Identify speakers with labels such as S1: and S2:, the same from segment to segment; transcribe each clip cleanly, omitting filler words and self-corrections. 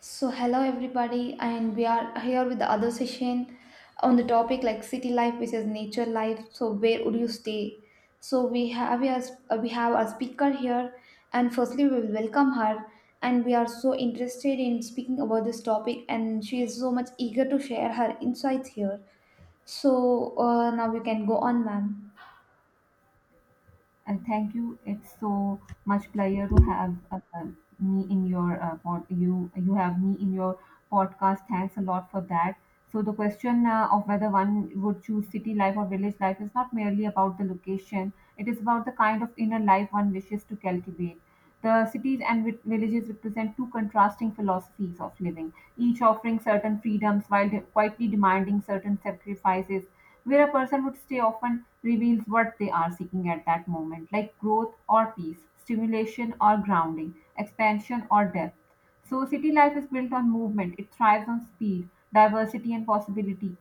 S1: So hello everybody, and we are here with the other session on the topic like city life versus nature life. So where would you stay? So we have a speaker here, and firstly we will welcome her. And we are so interested in speaking about this topic, and she is so much eager to share her insights here. So now we can go on, ma'am.
S2: And thank you. It's so much pleasure to have me in your pod, you have me in your podcast. Thanks a lot for that. So the question of whether one would choose city life or village life is not merely about the location. It is about the kind of inner life one wishes to cultivate. The cities and villages represent two contrasting philosophies of living, each offering certain freedoms while quietly demanding certain sacrifices. Where a person would stay often reveals what they are seeking at that moment, like growth or peace, stimulation or grounding, expansion or depth. So, city life is built on movement, it thrives on speed, diversity, and possibility.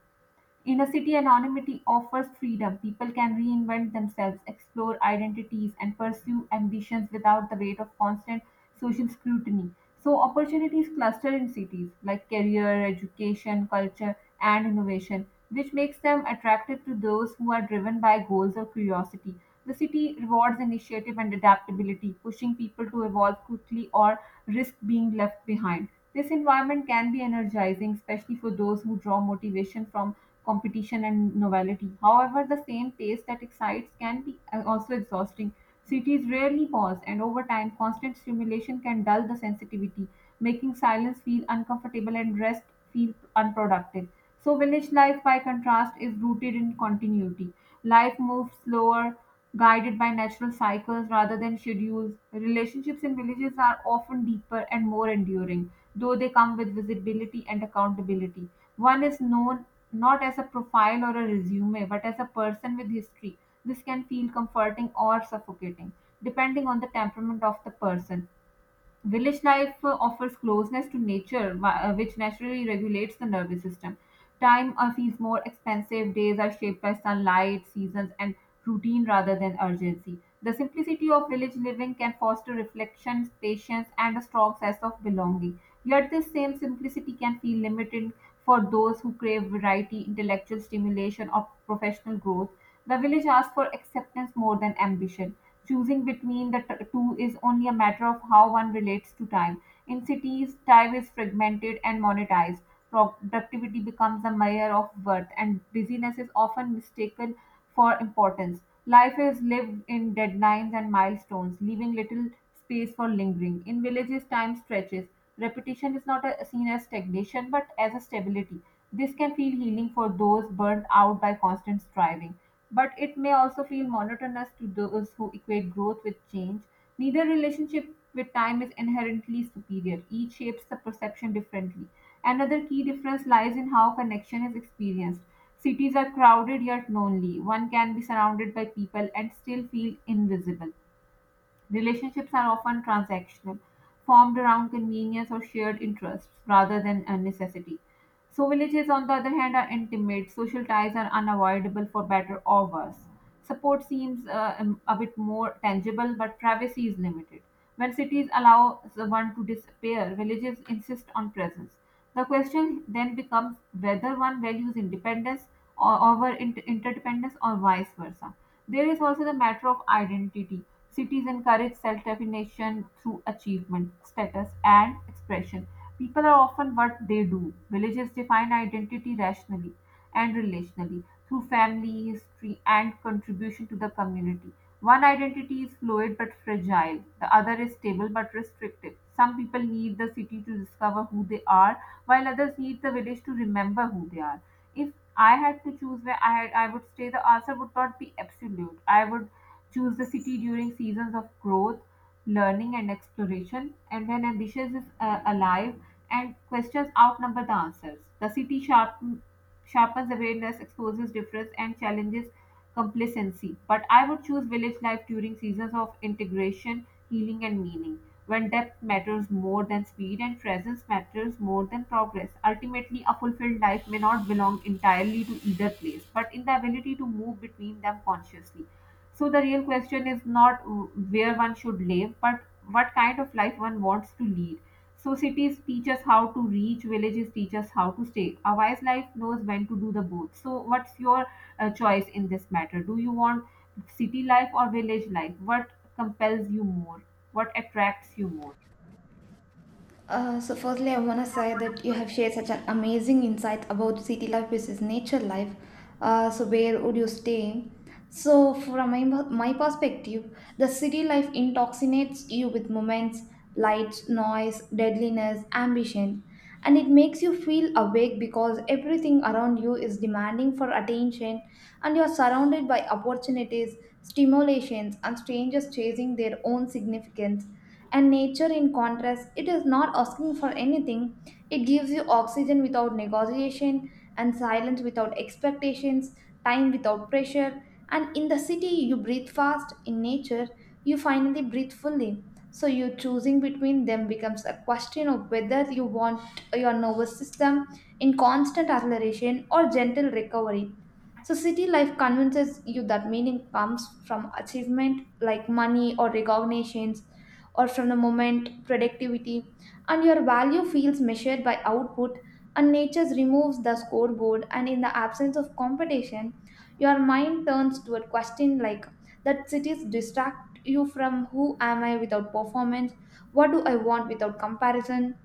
S2: Inner-city anonymity offers freedom; people can reinvent themselves, explore identities, and pursue ambitions without the weight of constant social scrutiny. So opportunities cluster in cities like career, education, culture, and innovation, which makes them attractive to those who are driven by goals or curiosity. The city rewards initiative and adaptability, pushing people to evolve quickly or risk being left behind. This environment can be energizing, especially for those who draw motivation from competition and novelty. However, the same pace that excites can be also exhausting. Cities rarely pause, and over time, constant stimulation can dull the sensitivity, making silence feel uncomfortable and rest feel unproductive. So village life, by contrast, is rooted in continuity. Life moves slower, guided by natural cycles rather than schedules. Relationships in villages are often deeper and more enduring, though they come with visibility and accountability. One is known not as a profile or a resume, but as a person with history. This can feel comforting or suffocating, depending on the temperament of the person. Village life offers closeness to nature, which naturally regulates the nervous system. Time feels more expensive, days are shaped by sunlight, seasons, and routine rather than urgency. The simplicity of village living can foster reflection, patience, and a strong sense of belonging. Yet, this same simplicity can feel limiting for those who crave variety, intellectual stimulation, or professional growth. The village asks for acceptance more than ambition. Choosing between the two is only a matter of how one relates to time. In cities, time is fragmented and monetized. Productivity becomes a measure of worth, and busyness is often mistaken for importance. Life is lived in deadlines and milestones, leaving little space for lingering. In villages, time stretches. Repetition is not seen as stagnation but as a stability. This can feel healing for those burnt out by constant striving, but it may also feel monotonous to those who equate growth with change. Neither relationship with time is inherently superior, each shapes the perception differently. Another key difference lies in how connection is experienced. Cities are crowded yet lonely. One can be surrounded by people and still feel invisible. Relationships are often transactional, formed around convenience or shared interests rather than a necessity. So villages, on the other hand, are intimate. Social ties are unavoidable for better or worse. Support seems a bit more tangible, but privacy is limited. When cities allow the one to disappear, villages insist on presence. The question then becomes whether one values independence or over interdependence or vice versa. There is also the matter of identity. Cities encourage self definition through achievement, status, and expression. People are often what they do. Villages define identity rationally and relationally through family, history, and contribution to the community. One identity is fluid but fragile, the other is stable but restrictive. Some people need the city to discover who they are while others need the village to remember who they are. If I had to choose where I had, I would stay, the answer would not be absolute. I would choose the city during seasons of growth, learning, and exploration. And when ambition is alive, and questions outnumber the answers. The sharpens awareness, exposes difference, and challenges complacency. But I would choose village life during seasons of integration, healing, and meaning, when depth matters more than speed and presence matters more than progress. Ultimately, a fulfilled life may not belong entirely to either place, but in the ability to move between them consciously. So the real question is not where one should live, but what kind of life one wants to lead. So cities teach us how to reach, villages teach us how to stay. A wise life knows when to do the both. So what's your choice in this matter? Do you want city life or village life? What compels you more? What attracts you more?
S1: So firstly, I want to say that you have shared such an amazing insight about city life versus nature life. So where would you stay? So from my perspective, the city life intoxicates you with moments, lights, noise, deadliness, ambition, and it makes you feel awake because everything around you is demanding for attention, and you are surrounded by opportunities, stimulations, and strangers chasing their own significance and nature, in contrast, it is not asking for anything. It gives you oxygen without negotiation, and silence without expectations, time without pressure. And in the city, you breathe fast. In nature, you finally breathe fully. So, you choosing between them becomes a question of whether you want your nervous system in constant acceleration or gentle recovery. So, city life convinces you that meaning comes from achievement like money or recognitions or from the moment productivity, and your value feels measured by output, and nature removes the scoreboard, and in the absence of competition your mind turns to a question like that cities distract you from who am I without performance, what do I want without comparison.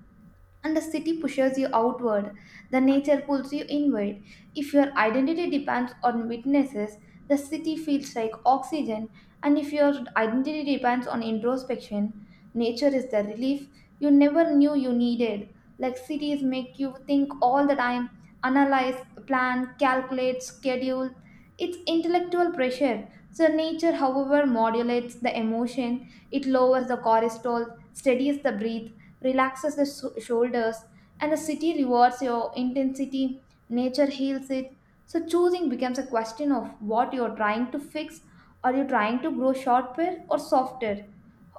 S1: And the city pushes you outward, the nature pulls you inward. If your identity depends on witnesses, the city feels like oxygen, and if your identity depends on introspection, nature is the relief you never knew you needed. Like cities make you think all the time, analyze, plan, calculate, schedule. It's intellectual pressure. So, nature, however, modulates the emotion, it lowers the cortisol, steadies the breath, relaxes the shoulders, and the city rewards your intensity, nature heals it. So choosing becomes a question of what you're trying to fix. Are you trying to grow shorter or softer?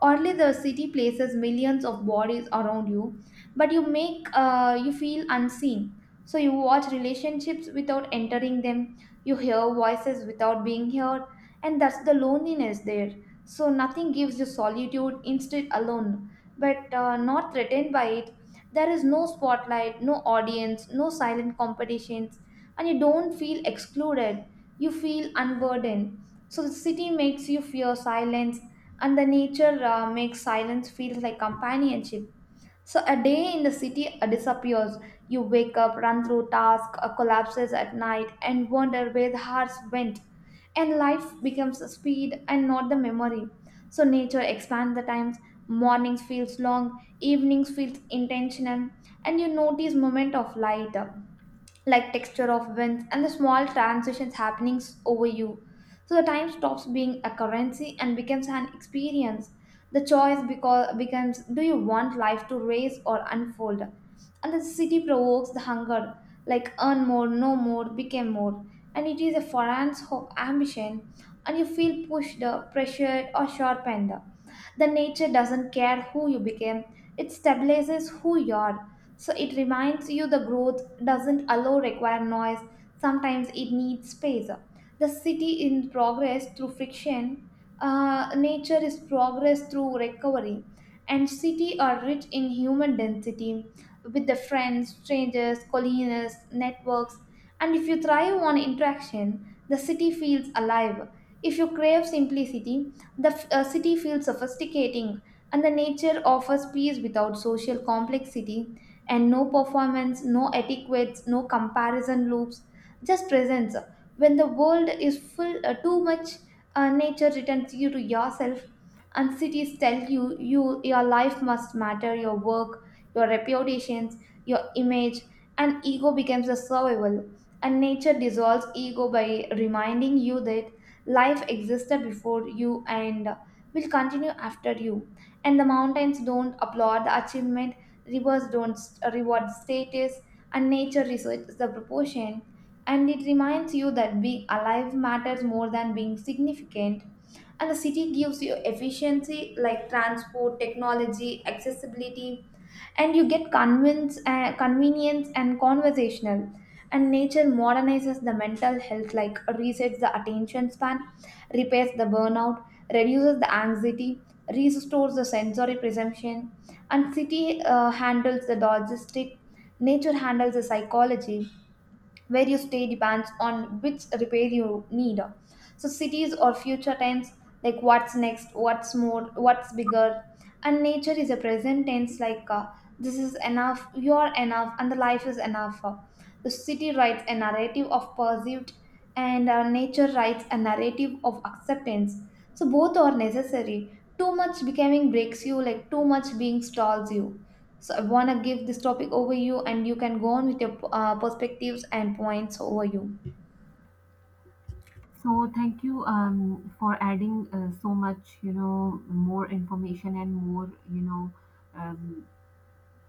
S1: Only the city places millions of bodies around you, but you feel unseen. So you watch relationships without entering them. You hear voices without being heard, and that's the loneliness there. So nothing gives you solitude, instead alone, but not threatened by it. There is no spotlight, no audience, no silent competitions, and you don't feel excluded. You feel unburdened. So the city makes you fear silence, and the nature makes silence feels like companionship. So a day in the city disappears. You wake up, run through tasks, collapses at night, and wonder where the hearts went. And life becomes a speed and not the memory. So nature expands the times. Mornings feels long, evenings feels intentional, and you notice moment of light, like texture of winds and the small transitions happening over you. So the time stops being a currency and becomes an experience. The choice becomes, do you want life to race or unfold? And the city provokes the hunger, like earn more, no more, become more. And it is a forance of ambition, and you feel pushed, pressured, or sharpened. The nature doesn't care who you became, it stabilizes who you are, so it reminds you the growth doesn't allow require noise. Sometimes it needs space. The city in progress through friction. Nature is progress through recovery. And city are rich in human density with the friends, strangers, colleagues, networks. And if you thrive on interaction, the city feels alive. If you crave simplicity, the city feels sophisticating, and the nature offers peace without social complexity, and no performance, no etiquettes, no comparison loops, just presence. When the world is full, too much, nature returns you to yourself, and cities tell you you your life must matter, your work, your reputations, your image, and ego becomes a survival. And nature dissolves ego by reminding you that life existed before you and will continue after you. And the mountains don't applaud the achievement. Rivers don't reward status, and nature researches the proportion. And it reminds you that being alive matters more than being significant. And the city gives you efficiency like transport, technology, accessibility, and you get convenience and conversational, and nature modernizes the mental health, like resets the attention span, repairs the burnout, reduces the anxiety, restores the sensory perception, and city handles the logistic, nature handles the psychology, where you stay depends on which repair you need. So cities or future tense, like what's next, what's more, what's bigger, and nature is a present tense, like this is enough, you're enough, and the life is enough. The city writes a narrative of pursuit, and nature writes a narrative of acceptance. So both are necessary. Too much becoming breaks you, like too much being stalls you. So I want to give this topic over you, and you can go on with your perspectives and points over you.
S2: So thank you for adding so much, more information and more, um,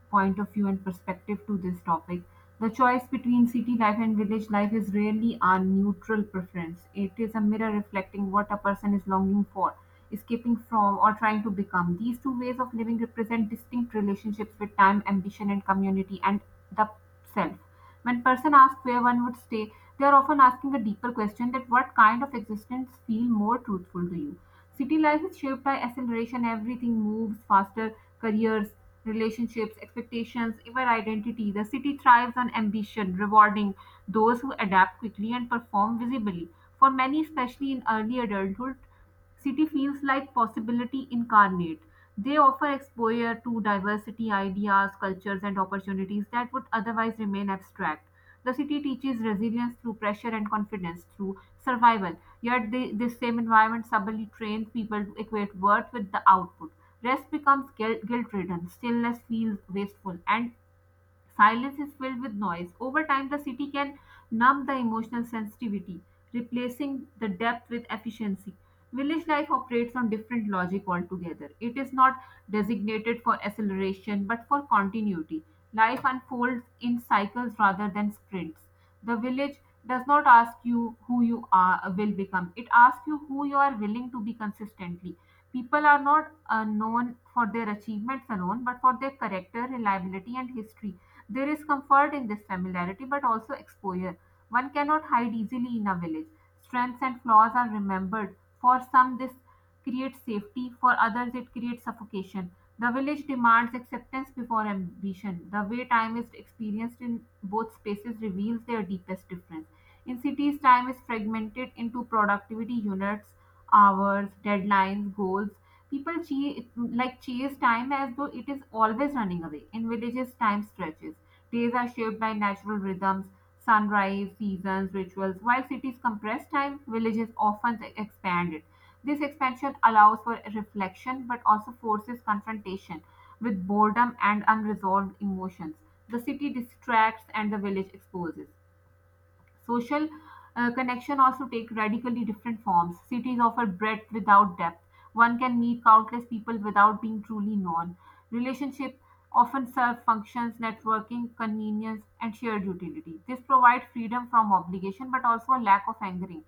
S2: point of view and perspective to this topic. The choice between city life and village life is rarely a neutral preference. It is a mirror reflecting what a person is longing for, escaping from, or trying to become. These two ways of living represent distinct relationships with time, ambition, and community, and the self. When person asks where one would stay, they are often asking a deeper question that what kind of existence feel more truthful to you. City life is shaped by acceleration, everything moves faster, careers, relationships, expectations, even identity. The city thrives on ambition, rewarding those who adapt quickly and perform visibly. For many, especially in early adulthood, city feels like possibility incarnate. They offer exposure to diversity, ideas, cultures, and opportunities that would otherwise remain abstract. The city teaches resilience through pressure and confidence through survival. Yet, this same environment subtly trains people to equate worth with the output. Rest becomes guilt ridden, stillness feels wasteful, and silence is filled with noise. Over time, the city can numb the emotional sensitivity, replacing the depth with efficiency. Village life operates on different logic altogether. It is not designated for acceleration but for continuity. Life unfolds in cycles rather than sprints. The village does not ask you who you are will become. It asks you who you are willing to be consistently. People are not known for their achievements alone, but for their character, reliability, and history. There is comfort in this familiarity, but also exposure. One cannot hide easily in a village. Strengths and flaws are remembered. For some, this creates safety, for others, it creates suffocation. The village demands acceptance before ambition. The way time is experienced in both spaces reveals their deepest difference. In cities, time is fragmented into productivity units, hours, deadlines, goals. People chase time as though it is always running away. In villages, time stretches. Days are shaped by natural rhythms, sunrise, seasons, rituals. While cities compress time, villages often expand it. This expansion allows for reflection but also forces confrontation with boredom and unresolved emotions. The city distracts and the village exposes. Social connection also take radically different forms. Cities offer breadth without depth. One can meet countless people without being truly known. Relationship often serve functions, networking, convenience, and shared utility. This provides freedom from obligation, but also a lack of angering.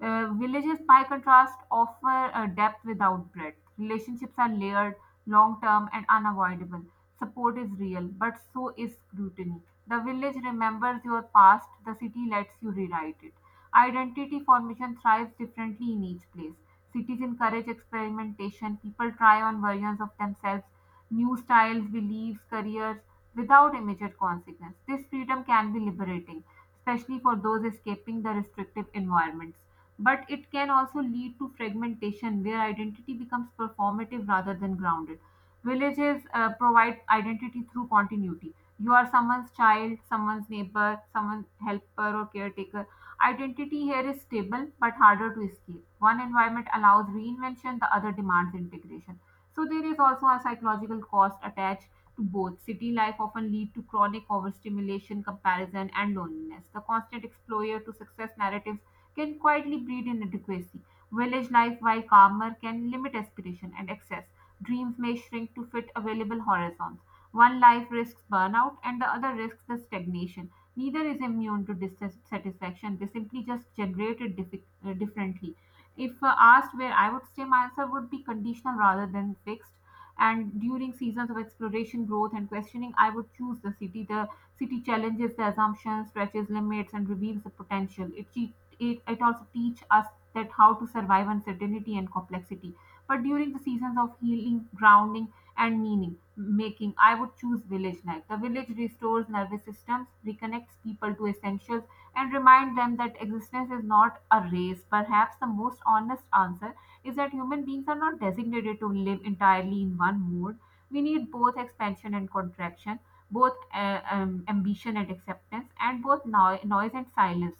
S2: Villages, by contrast, offer a depth without breadth. Relationships are layered, long term and unavoidable. Support is real, but so is scrutiny. The village remembers your past, the city lets you rewrite it. Identity formation thrives differently in each place. Cities encourage experimentation, people try on versions of themselves, new styles, beliefs, careers, without immediate consequence. This freedom can be liberating, especially for those escaping the restrictive environments. But it can also lead to fragmentation where identity becomes performative rather than grounded. Villages provide identity through continuity. You are someone's child, someone's neighbor, someone's helper or caretaker. Identity here is stable but harder to escape. One environment allows reinvention, the other demands integration. So there is also a psychological cost attached to both. City life often lead to chronic overstimulation, comparison, and loneliness. The constant exposure to success narratives can quietly breed inadequacy. Village life, while calmer, can limit aspiration and excess. Dreams may shrink to fit available horizons. One life risks burnout and the other risks the stagnation. Neither is immune to dissatisfaction. They simply just generated differently. If asked where I would stay, my answer would be conditional rather than fixed. And during seasons of exploration, growth, and questioning, I would choose the city. The city challenges the assumptions, stretches limits, and reveals the potential. It also teach us that how to survive uncertainty and complexity. But during the seasons of healing, grounding, and meaning making, I would choose village life. The village restores nervous systems, reconnects people to essentials, and remind them that existence is not a race. Perhaps the most honest answer is that human beings are not designated to live entirely in one mode. We need both expansion and contraction, both ambition and acceptance, and both noise and silence.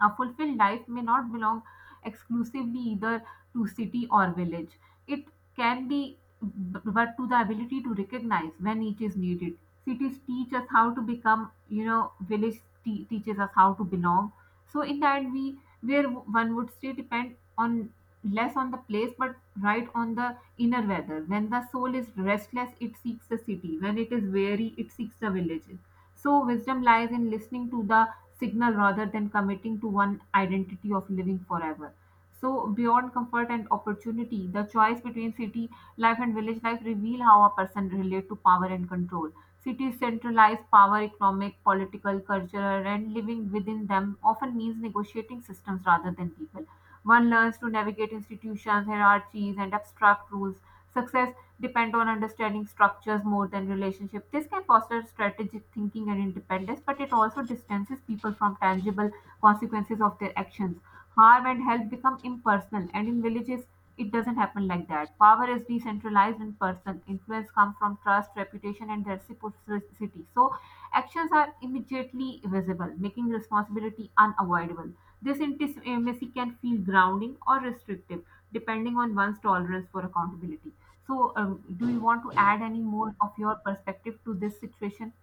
S2: A fulfilled life may not belong exclusively either to city or village. It but to the ability to recognize when each is needed. Cities teach us how to become, village teaches us how to belong. So in that we, where one would say, depend on less on the place but right on the inner weather. When the soul is restless, it seeks the city. When it is weary, it seeks the village. So wisdom lies in listening to the signal rather than committing to one identity of living forever. So, beyond comfort and opportunity, the choice between city life and village life reveal how a person relate to power and control. Cities centralize power, economic, political, cultural, and living within them often means negotiating systems rather than people. One learns to navigate institutions, hierarchies, and abstract rules. Success depend on understanding structures more than relationship. This can foster strategic thinking and independence, but it also distances people from tangible consequences of their actions. Harm and help become impersonal, and in villages, it doesn't happen like that. Power is decentralized and personal. Influence comes from trust, reputation, and reciprocity. So actions are immediately visible, making responsibility unavoidable. This intimacy can feel grounding or restrictive, depending on one's tolerance for accountability. So, do you want to add any more of your perspective to this situation?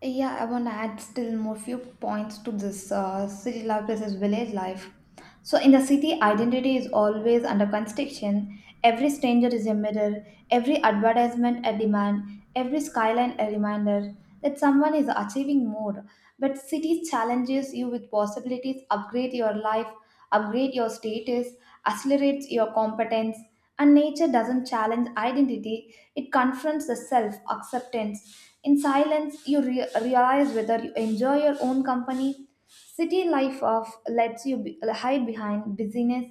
S1: Yeah, I want to add still more few points to this city life versus village life. So in the city, identity is always under construction. Every stranger is a mirror. Every advertisement a demand. Every skyline a reminder that someone is achieving more. But city challenges you with possibilities, upgrade your life, upgrade your status, accelerates your competence. And nature doesn't challenge identity, it confronts the self acceptance. In silence, you realize whether you enjoy your own company. City life of lets you hide behind busyness.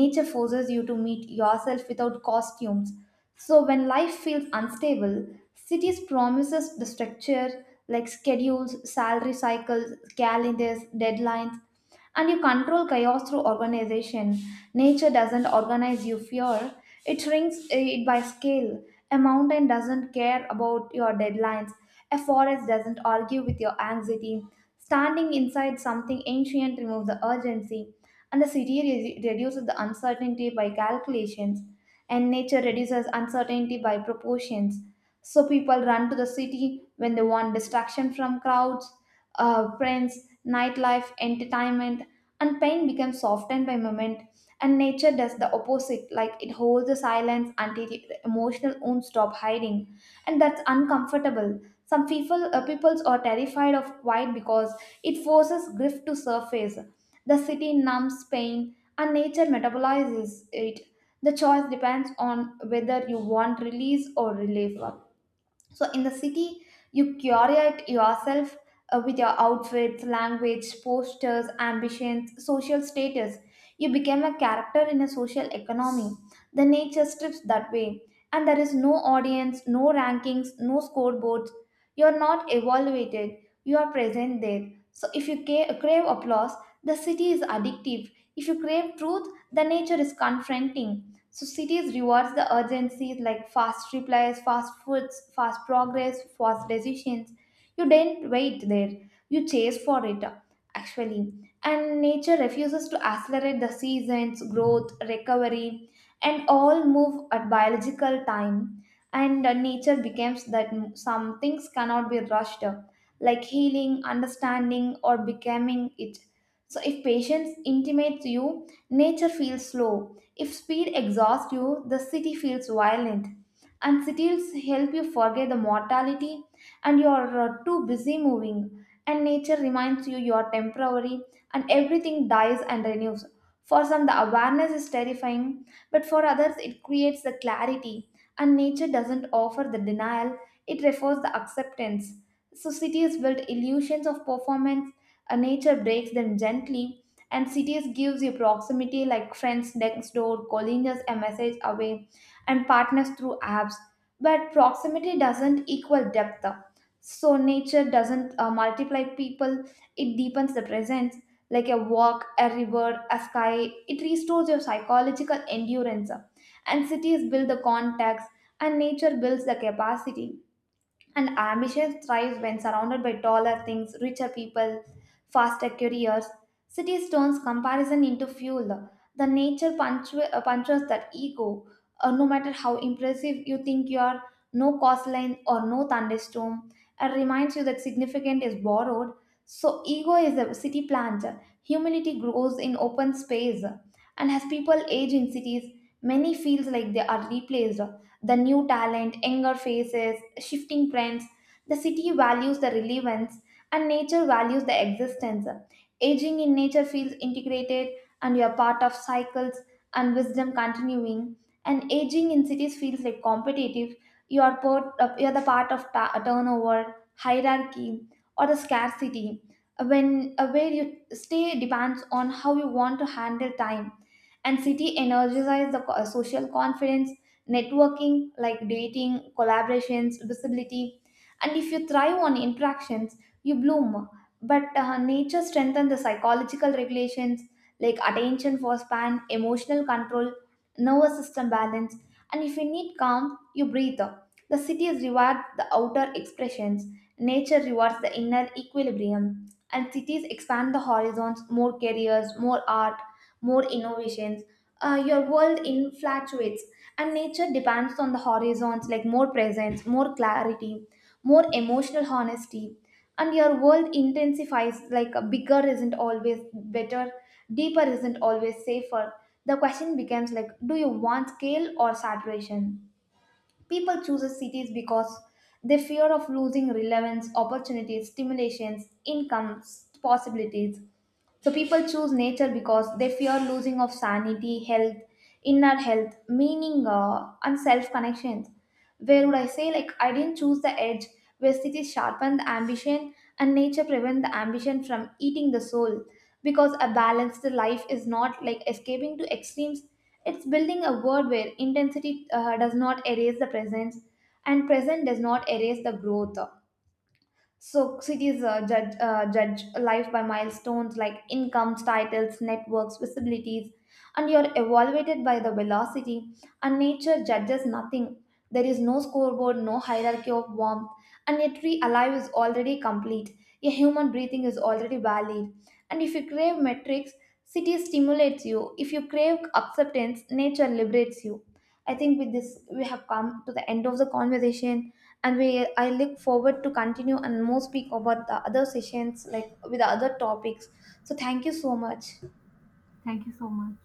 S1: Nature forces you to meet yourself without costumes. So when life feels unstable, cities promises the structure like schedules, salary cycles, calendars, deadlines. And you control chaos through organization. Nature doesn't organize you fear, it shrinks it by scale. A mountain doesn't care about your deadlines, a forest doesn't argue with your anxiety. Standing inside something ancient removes the urgency, and the city reduces the uncertainty by calculations, and nature reduces uncertainty by proportions. So people run to the city when they want distraction from crowds, friends, nightlife, entertainment, and pain becomes softened by moment. And nature does the opposite, like it holds the silence until the emotional wounds stop hiding, and that's uncomfortable. Some peoples are terrified of quiet because it forces grief to surface. The city numbs pain, and nature metabolizes it. The choice depends on whether you want release or relief. So in the city, you curate yourself with your outfits, language, postures, ambitions, social status. You become a character in a social economy. The nature strips that way. And there is no audience, no rankings, no scoreboards. You are not evaluated, you are present there. So if you crave applause, the city is addictive. If you crave truth, the nature is confronting. So cities rewards the urgencies like fast replies, fast foods, fast progress, fast decisions. You didn't wait there. You chase for it actually. And nature refuses to accelerate the seasons, growth, recovery, and all move at biological time. And nature becomes that some things cannot be rushed, like healing, understanding, or becoming it, so if patience intimates you, nature feels slow. If speed exhausts you, the city feels violent. And cities help you forget the mortality, and you're too busy moving. And nature reminds you you're temporary, and everything dies and renews. For some, the awareness is terrifying, but for others, it creates the clarity. And nature doesn't offer the denial, it refers the acceptance. So cities build illusions of performance, nature breaks them gently, and cities gives you proximity like friends next door, calling us a message away, and partners through apps. But proximity doesn't equal depth. So nature doesn't multiply people; it deepens the presence. Like a walk, a river, a sky, it restores your psychological endurance. And cities build the contacts, and nature builds the capacity, and ambition thrives when surrounded by taller things, richer people, faster careers. Cities turns comparison into fuel. The nature punctures that ego. No matter how impressive you think you are, no coastline or no thunderstorm. It reminds you that significant is borrowed. So ego is a city plant. Humility grows in open space. And as people age in cities, many feels like they are replaced, the new talent, younger faces, shifting trends. The city values the relevance, and nature values the existence. Aging in nature feels integrated, and you are part of cycles and wisdom continuing. And aging in cities feels like competitive. You you are the part of turnover, hierarchy, or the scarcity. When where you stay depends on how you want to handle time, and city energizes the social confidence networking like dating, collaborations, visibility. And if you thrive on interactions, you bloom. But nature strengthens the psychological regulations like attention for span, emotional control, nervous system balance. And if you need calm, you breathe. The cities reward the outer expressions. Nature rewards the inner equilibrium. And cities expand the horizons, more careers, more art, more innovations. Your world infatuates, and nature depends on the horizons, like more presence, more clarity, more emotional honesty, and your world intensifies, like a bigger isn't always better, deeper isn't always safer. The question becomes, like, do you want scale or saturation? People choose cities because they fear of losing relevance, opportunities, stimulations, incomes, possibilities. So people choose nature because they fear losing of sanity, health, inner health, meaning, and self connections. Where would I say, like I didn't choose the edge where cities sharpen the ambition and nature prevent the ambition from eating the soul. Because a balanced life is not like escaping to extremes. It's building a world where intensity does not erase the presence, and present does not erase the growth. So cities judge life by milestones like incomes, titles, networks, visibilities, and you're evaluated by the velocity. And nature judges nothing. There is no scoreboard, no hierarchy of warmth, and a tree alive is already complete. A human breathing is already valid. And if you crave metrics, city stimulates you. If you crave acceptance, nature liberates you. I think with this we have come to the end of the conversation, and we I look forward to continue and more speak about the other sessions like with the other topics. So thank you so much.
S2: Thank you so much.